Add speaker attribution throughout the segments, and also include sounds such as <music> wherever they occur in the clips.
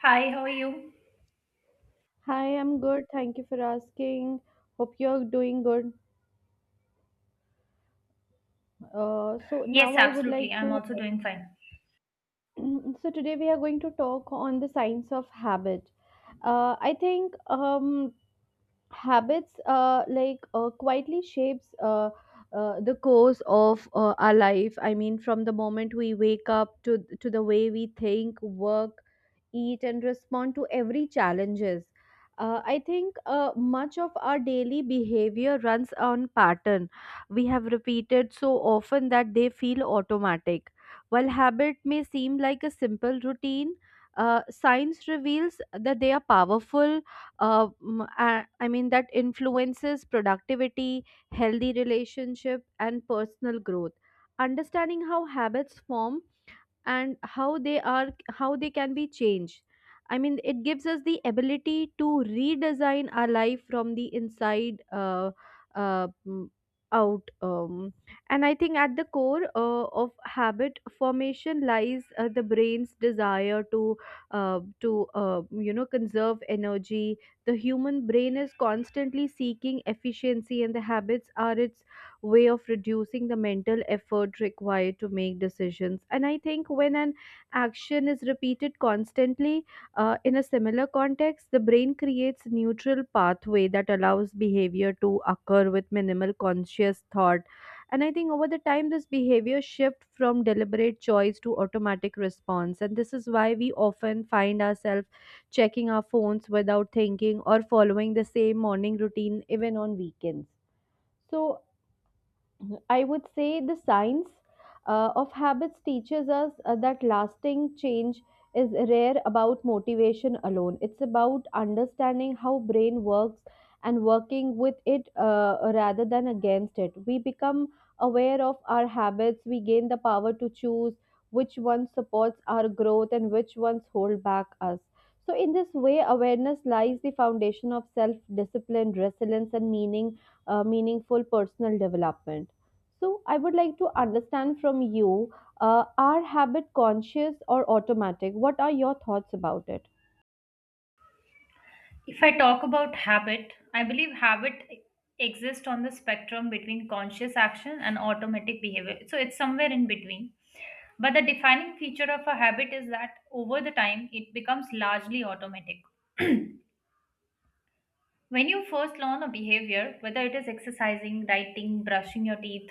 Speaker 1: Hi, how are you?
Speaker 2: Hi, I'm good. Thank you for asking. Hope you're doing good. So now
Speaker 1: Yes,
Speaker 2: I would like
Speaker 1: absolutely. I'm
Speaker 2: to.
Speaker 1: also doing fine.
Speaker 2: <clears throat> So today we are going to talk on the science of habit. I think habits like quietly shapes the course of our life. I mean, from the moment we wake up to the way we think, work, eat and respond to every challenges. I think, much of our daily behavior runs on pattern we have repeated so often that they feel automatic. While habit may seem like a simple routine, science reveals that they are powerful. I mean that influences productivity, healthy relationship, and personal growth. Understanding how habits form and how they can be changed. I mean, it gives us the ability to redesign our life from the inside uh, mm, out. And I think at the core of habit formation lies the brain's desire to conserve energy. The human brain is constantly seeking efficiency, and the habits are its way of reducing the mental effort required to make decisions. And I think when an action is repeated constantly, in a similar context, the brain creates neutral pathway that allows behavior to occur with minimal conscious thought. And I think over the time, this behavior shift from deliberate choice to automatic response. And this is why we often find ourselves checking our phones without thinking, or following the same morning routine even on weekends. So I would say the science of habits teaches us that lasting change is rare about motivation alone. It's about understanding how brain works and working with it, rather than against it. We become aware of our habits. We gain the power to choose which one supports our growth and which ones hold back us. So, in this way, awareness lies the foundation of self-discipline, resilience, and meaningful personal development. So, I would like to understand from you, are habit conscious or automatic? What are your thoughts about it?
Speaker 1: If I talk about habit, I believe habit exists on the spectrum between conscious action and automatic behavior. So it's somewhere in between. But the defining feature of a habit is that over the time, it becomes largely automatic. <clears throat> When you first learn a behavior, whether it is exercising, writing, brushing your teeth,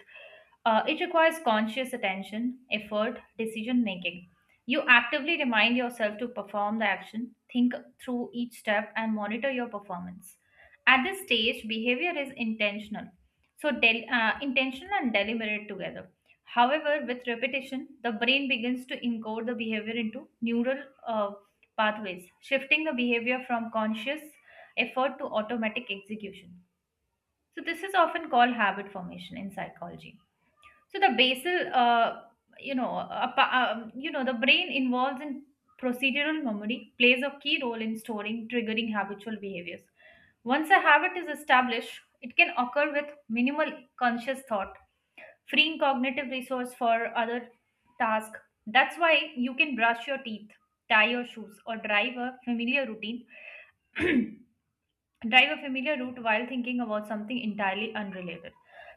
Speaker 1: it requires conscious attention, effort, decision making. You actively remind yourself to perform the action, think through each step, and monitor your performance. At this stage, behavior is intentional. So, intentional and deliberate together. However, with repetition, the brain begins to encode the behavior into neural pathways, shifting the behavior from conscious effort to automatic execution. So this is often called habit formation in psychology. So the basal, the brain involved in procedural memory plays a key role in storing triggering habitual behaviors. Once a habit is established, it can occur with minimal conscious thought, freeing cognitive resource for other tasks. That's why you can brush your teeth, tie your shoes, or drive a familiar route while thinking about something entirely unrelated.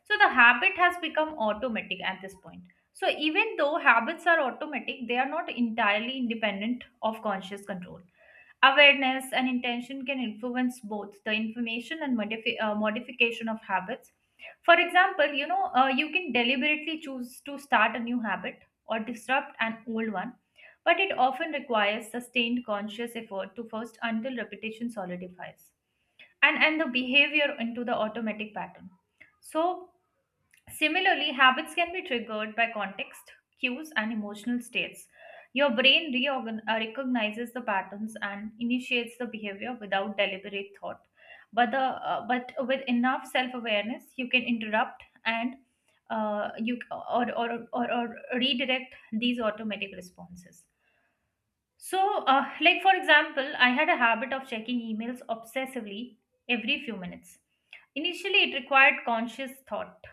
Speaker 1: So the habit has become automatic at this point. So even though habits are automatic, they are not entirely independent of conscious control. Awareness and intention can influence both the information and modification of habits. For example, you can deliberately choose to start a new habit or disrupt an old one, but it often requires sustained conscious effort to first until repetition solidifies and the behavior into the automatic pattern. So similarly, habits can be triggered by context cues and emotional states. Your brain recognizes the patterns and initiates the behavior without deliberate thought, but the but with enough self awareness you can interrupt and you or, or or redirect these automatic responses. So, like for example, I had a habit of checking emails obsessively every few minutes. Initially, it required conscious thought.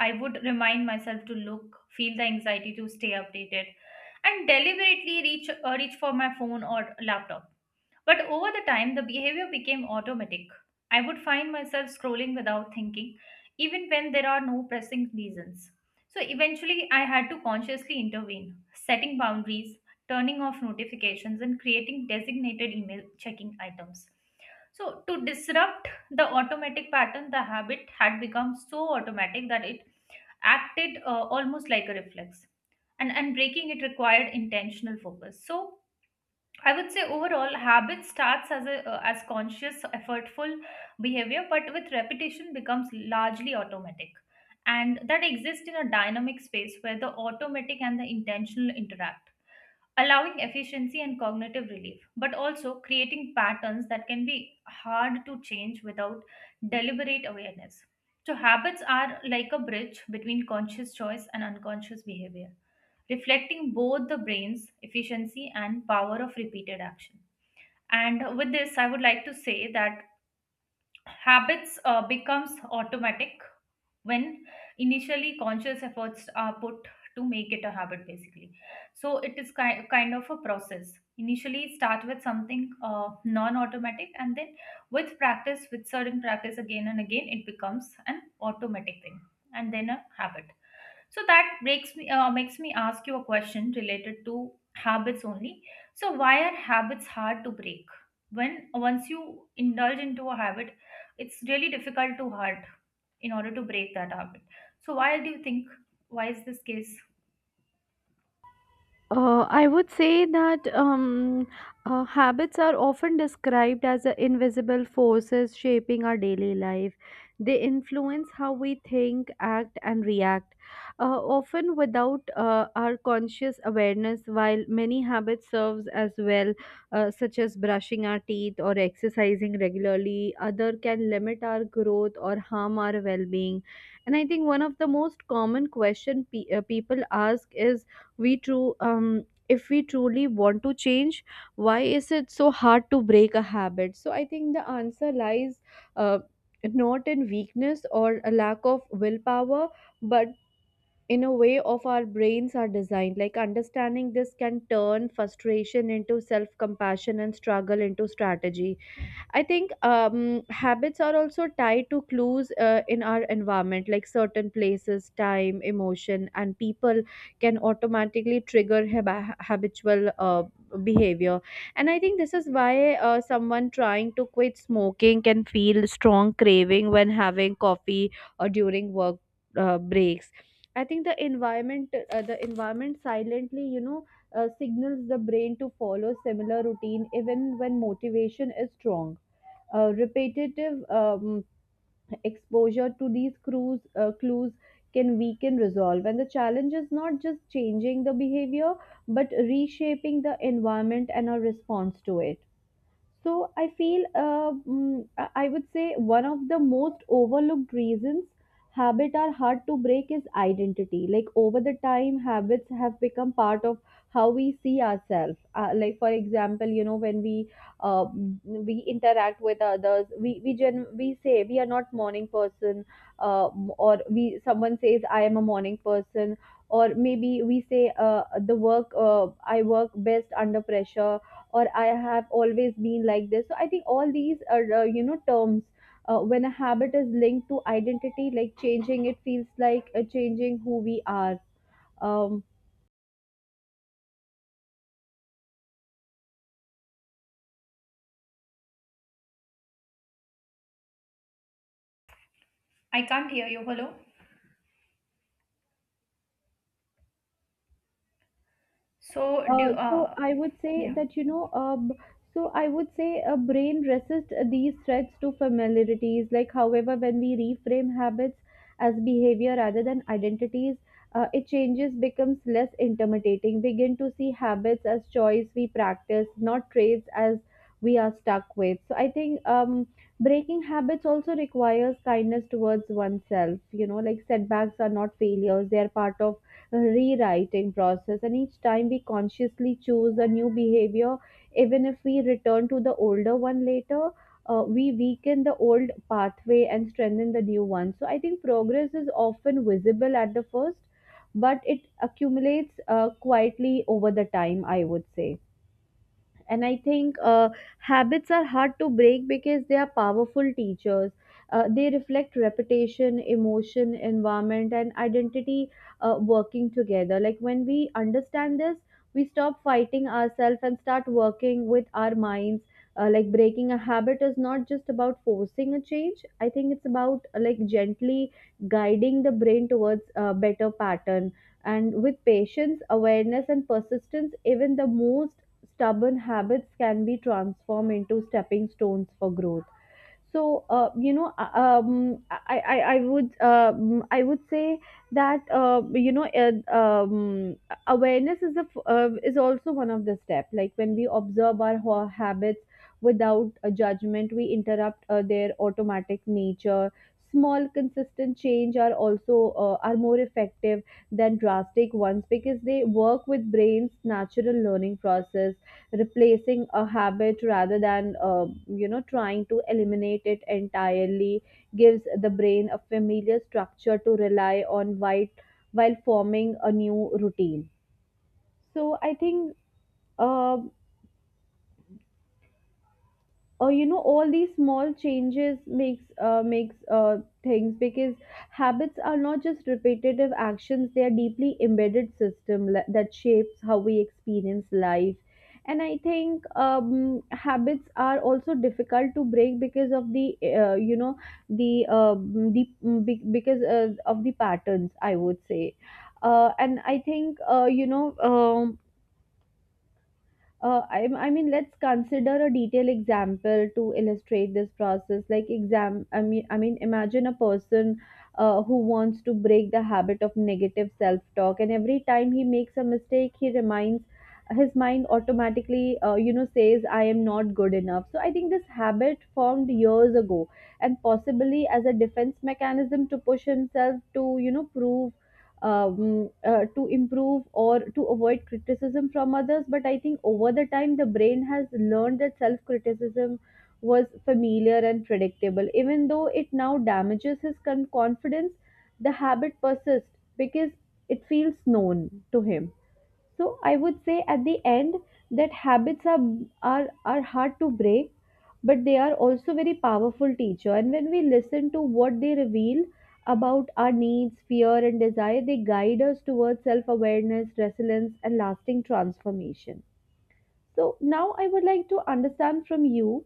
Speaker 1: I would remind myself to look, feel the anxiety to stay updated, and deliberately reach for my phone or laptop. But over the time, the behavior became automatic. I would find myself scrolling without thinking, even when there are no pressing reasons. So eventually, I had to consciously intervene, setting boundaries, turning off notifications, and creating designated email checking items. So, to disrupt the automatic pattern, the habit had become so automatic that it acted almost like a reflex. And breaking it required intentional focus. So, I would say overall, habit starts as a as conscious, effortful behavior, but with repetition becomes largely automatic, and that exists in a dynamic space where the automatic and the intentional interact, allowing efficiency and cognitive relief, but also creating patterns that can be hard to change without deliberate awareness. So habits are like a bridge between conscious choice and unconscious behavior, reflecting both the brain's efficiency and power of repeated action. And with this, I would like to say that habits becomes automatic when initially conscious efforts are put to make it a habit basically. So it is kind of a process. Initially start with something non-automatic and then with practice, with certain practice again and again, it becomes an automatic thing and then a habit. So that breaks me makes me ask you a question related to habits only. So why are habits hard to break? When once you indulge into a habit, it's really difficult to hurt in order to break that habit. So why do you think why is this case?
Speaker 2: I would say that habits are often described as the invisible forces shaping our daily life. They influence how we think, act, and react, often without our conscious awareness. While many habits serves as well, such as brushing our teeth or exercising regularly, other can limit our growth or harm our well-being. And I think one of the most common question people ask is, we true if we truly want to change, why is it so hard to break a habit? So I think the answer lies, uh, not in weakness or a lack of willpower, but in a way of our brains are designed. Like understanding this can turn frustration into self compassion and struggle into strategy. I think habits are also tied to clues in our environment, like certain places, time, emotion, and people can automatically trigger habitual behavior. And I think this is why, someone trying to quit smoking can feel strong craving when having coffee or during work breaks. I think the environment silently, signals the brain to follow similar routine even when motivation is strong. Repetitive exposure to these clues can weaken resolve. And the challenge is not just changing the behavior, but reshaping the environment and our response to it. So I feel, I would say one of the most overlooked reasons habits are hard to break is identity. Like over the time, habits have become part of how we see ourselves. Like for example, you know when we, we interact with others, we say we are not morning person, uh, or we someone says I am a morning person, or maybe we say, the work I work best under pressure, or I have always been like this. So I think all these are, terms, when a habit is linked to identity, like changing it feels like, changing who we are. um,
Speaker 1: I can't hear you. Hello. So do
Speaker 2: So I would say
Speaker 1: yeah.
Speaker 2: that you know, So I would say a brain resists these threats to familiarities. Like, however, when we reframe habits as behavior rather than identities, it changes becomes less intimidating. Begin to see habits as choice we practice, not traits as we are stuck with. So I think breaking habits also requires kindness towards oneself. You know, like setbacks are not failures; they are part of rewriting process. And each time we consciously choose a new behavior, even if we return to the older one later, we weaken the old pathway and strengthen the new one. So I think progress is often visible at the first, but it accumulates quietly over the time, I would say. And I think, habits are hard to break because they are powerful teachers. They reflect reputation, emotion, environment, and identity, working together. Like when we understand this, we stop fighting ourselves and start working with our minds. Like breaking a habit is not just about forcing a change. I think it's about, like gently guiding the brain towards a better pattern. And with patience, awareness, and persistence, even the most stubborn habits can be transformed into stepping stones for growth. So, I would say that, awareness is also one of the step. Like when we observe our habits without a judgment, we interrupt their automatic nature. Small consistent change are more effective than drastic ones because they work with brain's natural learning process. Replacing a habit rather than trying to eliminate it entirely gives the brain a familiar structure to rely on while forming a new routine. So I think, uh, all these small changes makes things because habits are not just repetitive actions, they are deeply embedded system that shapes how we experience life. And I think habits are also difficult to break because of the you know the uh, the mm, be- because of the patterns, I would say. And I think, um, I mean, let's consider a detailed example to illustrate this process. I mean, imagine a person who wants to break the habit of negative self-talk, and every time he makes a mistake, he reminds his mind automatically, says, "I am not good enough." So I think this habit formed years ago, and possibly as a defense mechanism to push himself to, you know, prove to improve or to avoid criticism from others. But I think over the time, the brain has learned that self criticism was familiar and predictable. Even though it now damages his confidence, the habit persists because it feels known to him. So I would say at the end that habits are hard to break, but they are also very powerful teacher. And when we listen to what they reveal about our needs, fear, and desire, they guide us towards self-awareness, resilience, and lasting transformation. So now I would like to understand from you,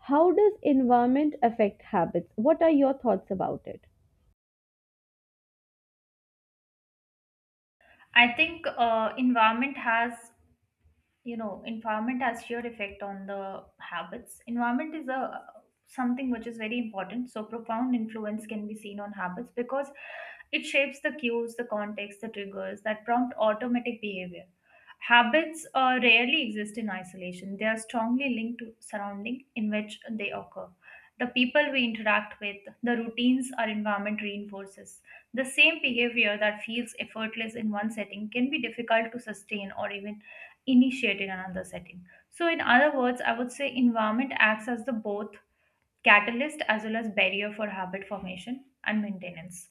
Speaker 2: how does environment affect habits? What are your thoughts about it?
Speaker 1: I think environment has, you know, environment has sheer effect on the habits. Environment is a something which is very important, so profound influence can be seen on habits because it shapes the cues, the context, the triggers that prompt automatic behavior. Habits rarely exist in isolation. They are strongly linked to surrounding in which they occur, the people we interact with, the routines our environment reinforces. The same behavior that feels effortless in one setting can be difficult to sustain or even initiated another setting. So, in other words, I would say environment acts as the both catalyst as well as barrier for habit formation and maintenance.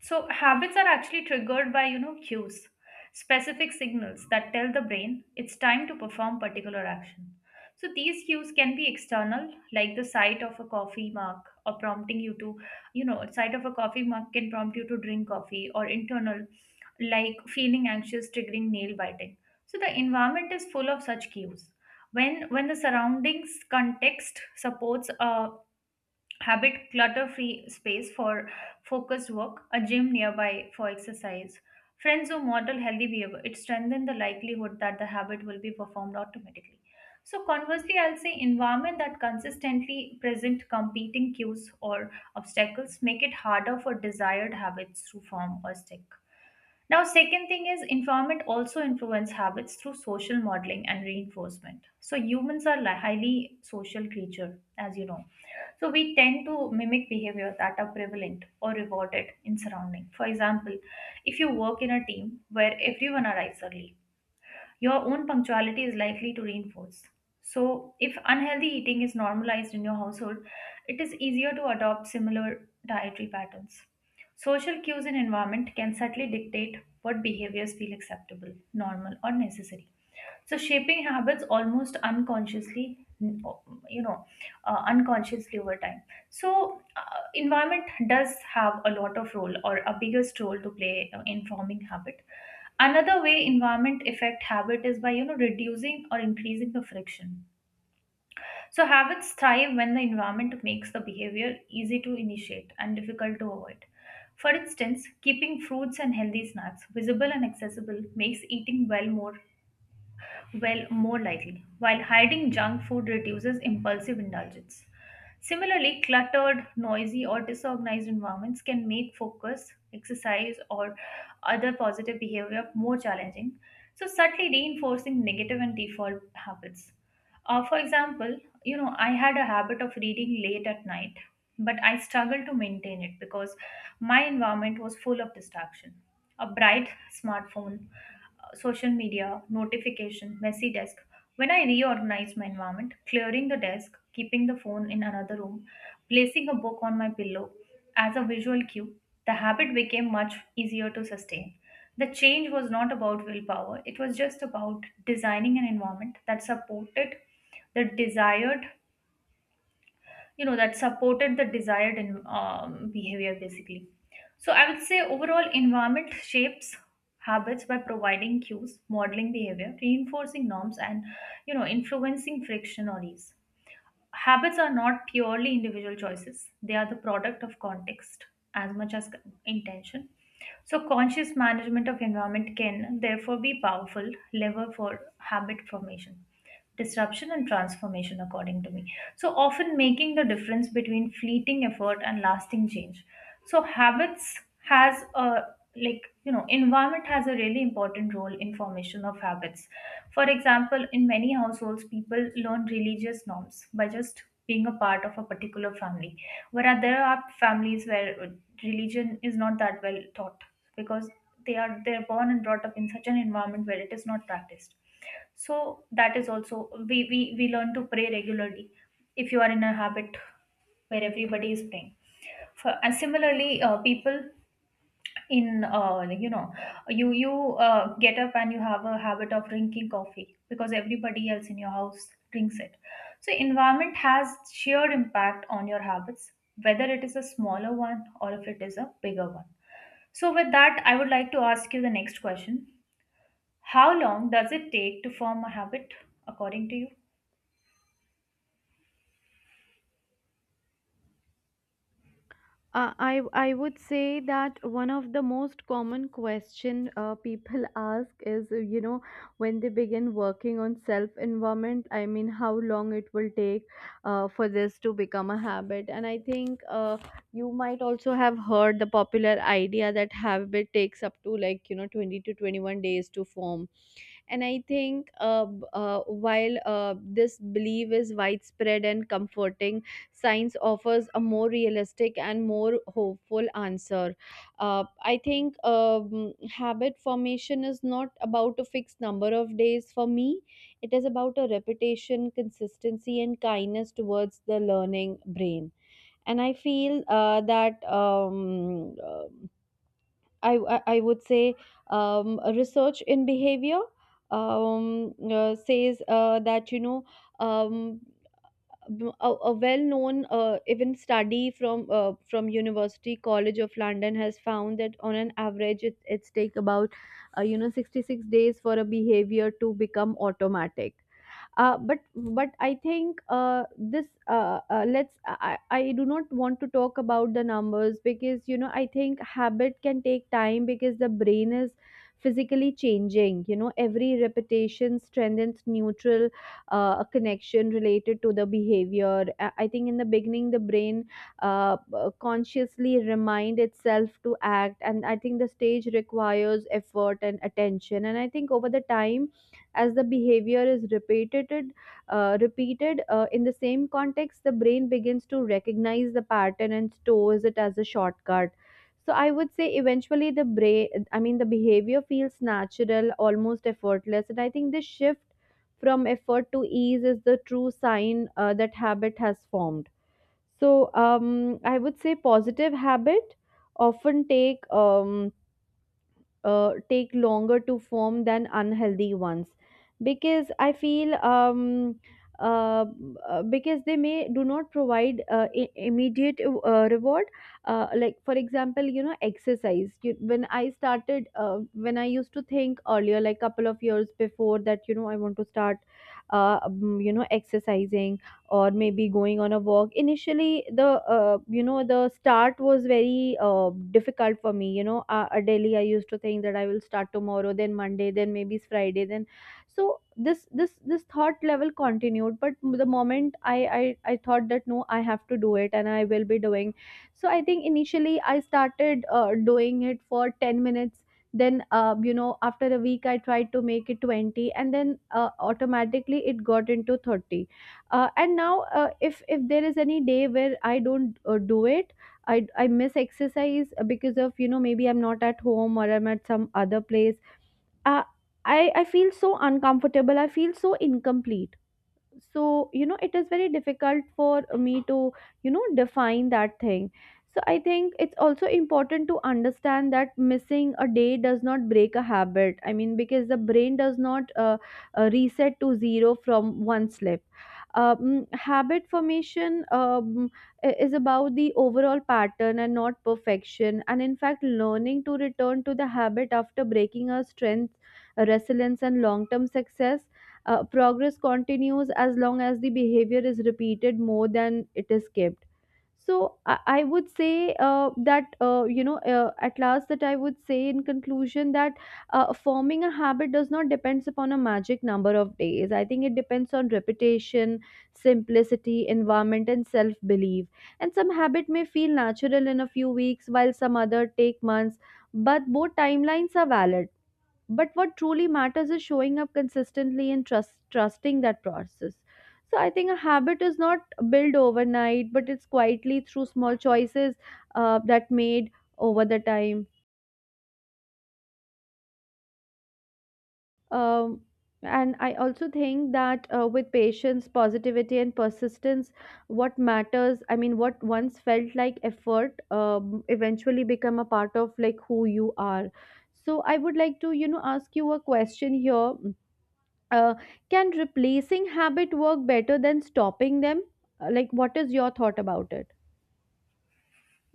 Speaker 1: So, habits are actually triggered by, you know, cues, specific signals that tell the brain it's time to perform particular action. So, these cues can be external, like the sight of a coffee mug or prompting you to, you know, sight of a coffee mug can prompt you to drink coffee, or internal, like feeling anxious, triggering nail biting. So, the environment is full of such cues. When the surroundings context supports a habit, clutter-free space for focused work, a gym nearby for exercise. Friends who model healthy behavior, it strengthens the likelihood that the habit will be performed automatically. So conversely, I'll say environment that consistently present competing cues or obstacles make it harder for desired habits to form or stick. Now, second thing is environment also influence habits through social modeling and reinforcement. So humans are highly social creature, as you know. So we tend to mimic behavior that are prevalent or rewarded in surrounding. For example, if you work in a team where everyone arrives early, your own punctuality is likely to reinforce. So, if unhealthy eating is normalized in your household, it is easier to adopt similar dietary patterns. Social cues and environment can subtly dictate what behaviors feel acceptable, normal, or necessary, so shaping habits almost unconsciously, unconsciously over time. So environment does have a lot of role or a biggest role to play in forming habit. Another way environment affect habit is by, you know, reducing or increasing the friction. So habits thrive when the environment makes the behavior easy to initiate and difficult to avoid. For instance, keeping fruits and healthy snacks visible and accessible makes eating well more well, more likely, while hiding junk food reduces impulsive indulgence. Similarly, cluttered, noisy, or disorganized environments can make focus, exercise, or other positive behavior more challenging, so subtly reinforcing negative and default habits. For example, you know, I had a habit of reading late at night, but I struggled to maintain it because my environment was full of distraction. A bright smartphone, social media, notification, messy desk. When I reorganized my environment, clearing the desk, keeping the phone in another room, placing a book on my pillow as a visual cue, the habit became much easier to sustain. The change was not about willpower, it was just about designing an environment that supported the desired, you know, that supported the desired in, behavior basically. So I would say overall, environment shapes habits by providing cues, modeling behavior, reinforcing norms, and, you know, influencing friction or ease. Habits are not purely individual choices, they are the product of context as much as intention. So, conscious management of environment can therefore be powerful lever for habit formation, disruption, and transformation, according to me. So, often making the difference between fleeting effort and lasting change. So, habits has a, like, you know, environment has a really important role in formation of habits. For example, in many households, people learn religious norms by just being a part of a particular family, whereas there are families where religion is not that well taught because they're born and brought up in such an environment where it is not practiced. So that is also we learn to pray regularly if you are in a habit where everybody is praying. For, and similarly, people in like, you know, you get up and you have a habit of drinking coffee because everybody else in your house drinks it. So environment has sheer impact on your habits, whether it is a smaller one or if it is a bigger one. So with that, I would like to ask you the next question. How long does it take to form a habit, according to you?
Speaker 2: I would say that one of the most common question people <laughs> ask is, when they begin working on self environment, I mean, how long it will take for this to become a habit. And I think you might also have heard the popular idea that habit takes up to like 20 to 21 days to form. And I think, while this belief is widespread and comforting, science offers a more realistic and more hopeful answer. I think habit formation is not about a fixed number of days for me, it is about a repetition, consistency, and kindness towards the learning brain. And I feel that I would say research in behavior says that you know um, a well-known even study from from University College of London has found that on an average it, it's take about 66 days for a behavior to become automatic. Uh, but but i think I do not want to talk about the numbers because I think habit can take time because the brain is physically changing. You know, every repetition strengthens neutral connection related to the behavior. I think in the beginning the brain consciously remind itself to act, and I think the stage requires effort and attention. And I think over the time, as the behavior is repeated in the same context, the brain begins to recognize the pattern and stores it as a shortcut. So I would say eventually the brain, I mean the behavior, feels natural, almost effortless. And I think this shift from effort to ease is the true sign that habit has formed. So I would say positive habit often take longer to form than unhealthy ones because I feel uh, because they may do not provide immediate reward. Like, for example, you know, exercise. When I started, when I used to think earlier, like couple of years before, that you know I want to start exercising or maybe going on a walk, initially the the start was very difficult for me. You know, daily I used to think that I will start tomorrow, then Monday, then maybe it's Friday, then, so this thought level continued. But the moment I thought that no, I have to do it and I will be doing, so I think initially I started doing it for 10 minutes, then after a week I tried to make it 20, and then automatically it got into 30. And now, if there is any day where I don't do it, I miss exercise because of, you know, maybe I'm not at home or I'm at some other place. Uh, i i feel so uncomfortable, I feel so incomplete. So, you know, it is very difficult for me to, you know, define that thing. So I think it's also important to understand that missing a day does not break a habit, I mean because the brain does not reset to zero from one slip. Habit formation, is about the overall pattern and not perfection. And in fact, learning to return to the habit after breaking a strength resilience and long term success. Progress continues as long as the behavior is repeated more than it is kept. So I would say that you know at last, that I would say in conclusion that forming a habit does not depends upon a magic number of days. I think it depends on repetition, simplicity, environment, and self belief. And some habit may feel natural in a few weeks, while some other take months. But both timelines are valid, but what truly matters is showing up consistently and trusting that process. So I think a habit is not built overnight, but it's quietly through small choices that made over the time. um, and I also think that with patience, positivity, and persistence, what matters, I mean what once felt like effort, eventually become a part of like who you are. So I would like to, you know, ask you a question here. uh, can replacing habit work better than stopping them? Like, what is your thought about it?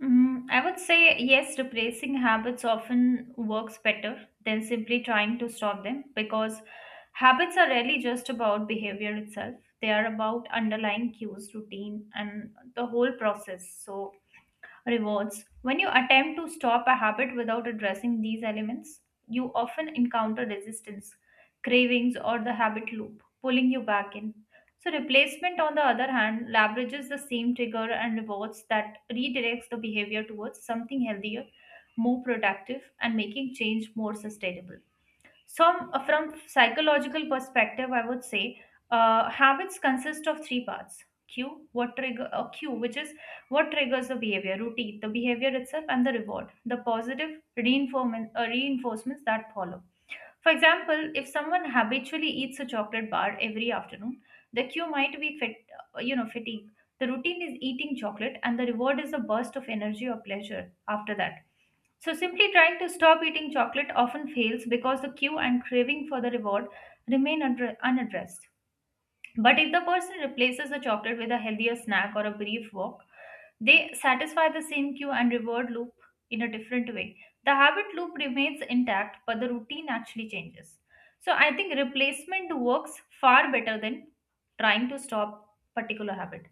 Speaker 1: Mm, I would say yes, replacing habits often works better than simply trying to stop them because habits are really just about behavior itself. They are about underlying cues, routine, and the whole process. So, rewards. When you attempt to stop a habit without addressing these elements, you often encounter resistance, cravings, or the habit loop, pulling you back in. So, replacement, on the other hand, leverages the same trigger and rewards that redirects the behavior towards something healthier, more productive, and making change more sustainable. So, from psychological perspective, I would say habits consist of three parts. Cue, what trigger, which is what triggers the behavior, routine, the behavior itself, and the reward, the positive reinforcement, reinforcements that follow. For example, if someone habitually eats a chocolate bar every afternoon, the cue might be fatigue. The routine is eating chocolate, and the reward is a burst of energy or pleasure after that. So, simply trying to stop eating chocolate often fails because the cue and craving for the reward remain unaddressed. But if the person replaces the chocolate with a healthier snack or a brief walk, they satisfy the same cue and reward loop in a different way. The habit loop remains intact, but the routine actually changes. So I think replacement works far better than trying to stop particular habit.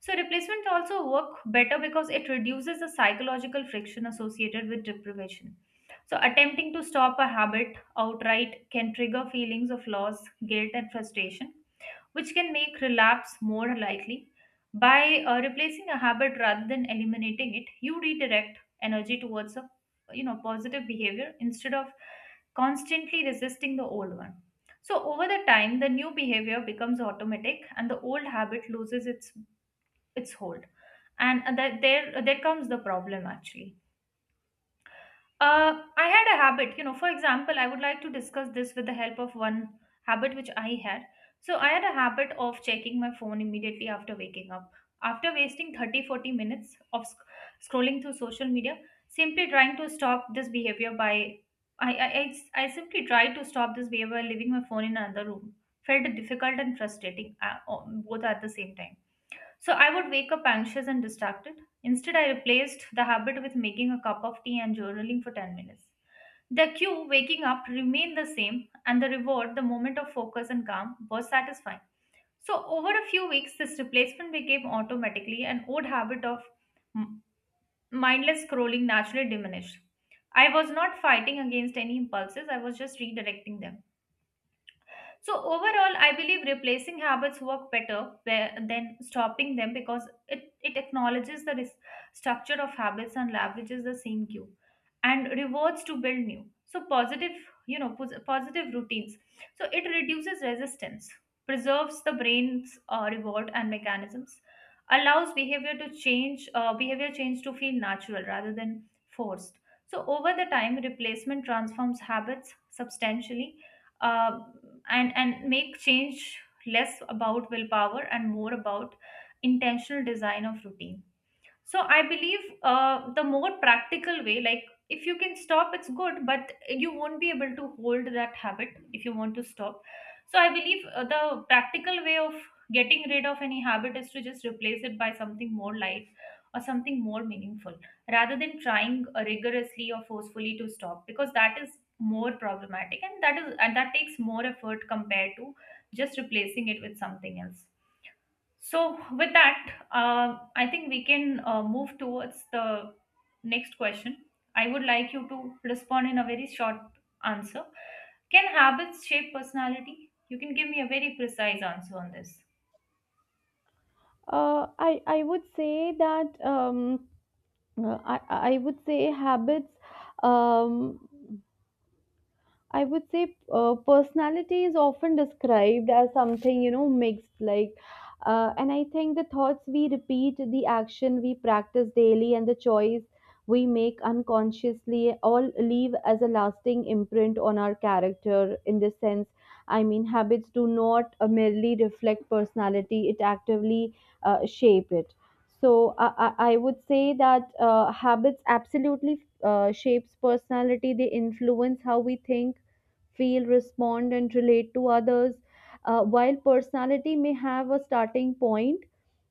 Speaker 1: So replacement also work better because it reduces the psychological friction associated with deprivation. So attempting to stop a habit outright can trigger feelings of loss, guilt, and frustration which can make relapse more likely. By replacing a habit rather than eliminating it, you redirect energy towards a positive behavior instead of constantly resisting the old one. So over the time, the new behavior becomes automatic, and the old habit loses its hold. And that there comes the problem actually. I had a habit, you know, for example, I would like to discuss this with the help of one habit which I had. So I had a habit of checking my phone immediately after waking up. After wasting 30 to 40 minutes of scrolling through social media, simply trying to stop this behavior by I I I I simply tried to stop this behavior by leaving my phone in another room. Felt difficult and frustrating, both at the same time. So I would wake up anxious and distracted. Instead, I replaced the habit with making a cup of tea and journaling for 10 minutes. The cue, waking up, remained the same, and the reward, the moment of focus and calm, was satisfying. So, over a few weeks, this replacement became automatically an old habit of m- mindless scrolling naturally diminished. I was not fighting against any impulses, I was just redirecting them. So overall, I believe replacing habits work better where, than stopping them because it acknowledges the structure of habits and leverages the same cue and rewards to build new. So positive, positive routines. So it reduces resistance, preserves the brain's reward and mechanisms, allows behavior to change, behavior change to feel natural rather than forced. So over the time, replacement transforms habits substantially, uh, and make change less about willpower and more about intentional design of routines. So I believe, the more practical way, like if you can stop, it's good, but you won't be able to hold that habit if you want to stop. So I believe the practical way of getting rid of any habit is to just replace it by something more light or something more meaningful rather than trying rigorously or forcefully to stop, because that is more problematic and that is and that takes more effort compared to just replacing it with something else. So, with that, I think we can move towards the next question. I would like you to respond in a very short answer. Can habits shape personality? You can give me a very precise answer on this.
Speaker 2: I would say that uh, I I would say habits. Um, I would say personality is often described as something, you know, mixed. Like, and I think the thoughts we repeat, the action we practice daily, and the choice we make unconsciously all leave as a lasting imprint on our character. In this sense, I mean, habits do not merely reflect personality, it actively shape it. So I would say that habits absolutely shapes personality. They influence how we think, feel, respond, and relate to others. While personality may have a starting point,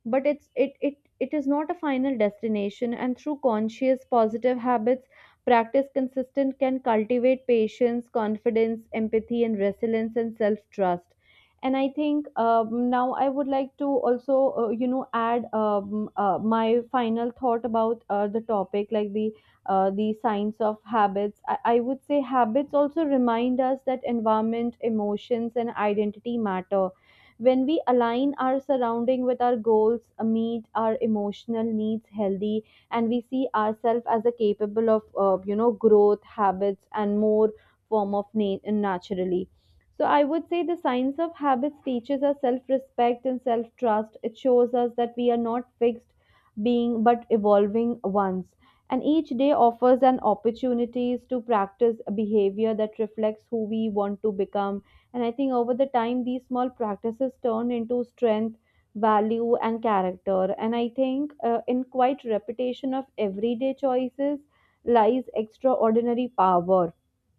Speaker 2: but it's it it it is not a final destination. And through conscious positive habits, practice consistent can cultivate patience, confidence, empathy, and resilience and self trust. And I think now I would like to also, you know, add my final thought about the topic, like the signs of habits. I would say habits also remind us that environment, emotions, and identity matter. When we align our surrounding with our goals, meet our emotional needs healthy, and we see ourselves as a capable of you know growth, habits, and more form of naturally. So I would say the science of habits teaches us self-respect and self-trust. It shows us that we are not fixed being but evolving ones, and each day offers an opportunities to practice a behavior that reflects who we want to become. And I think over the time, these small practices turn into strength, value, and character. And I think in quite repetition of everyday choices lies extraordinary power.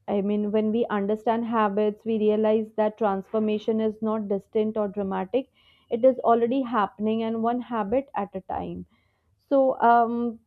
Speaker 2: I mean, when we understand habits, we realize that transformation is not distant or dramatic. It is already happening, and one habit at a time. So,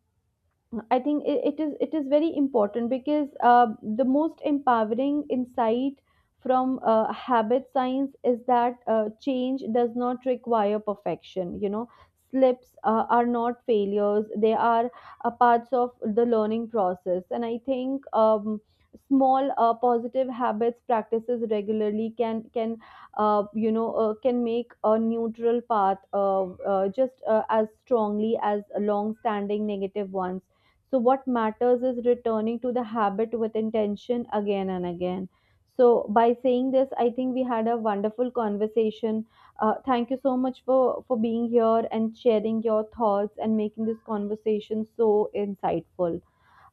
Speaker 2: I think it is very important because the most empowering insight from habit science is that change does not require perfection. You know, slips are not failures; they are parts of the learning process. And I think small positive habits practices regularly can you know can make a neutral path just as strongly as long standing negative ones. So what matters is returning to the habit with intention again and again. So by saying this, I think we had a wonderful conversation. Thank you so much for being here and sharing your thoughts and making this conversation so insightful.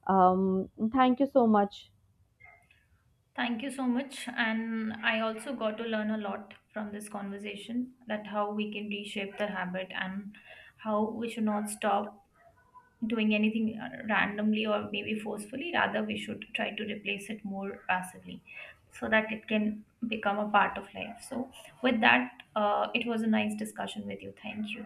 Speaker 2: Um, thank you so much.
Speaker 1: Thank you so much. And I also got to learn a lot from this conversation, that how we can reshape the habit and how we should not stop doing anything randomly or maybe forcefully. Rather, we should try to replace it more passively so that it can become a part of life. So, with that, it was a nice discussion with you. Thank you.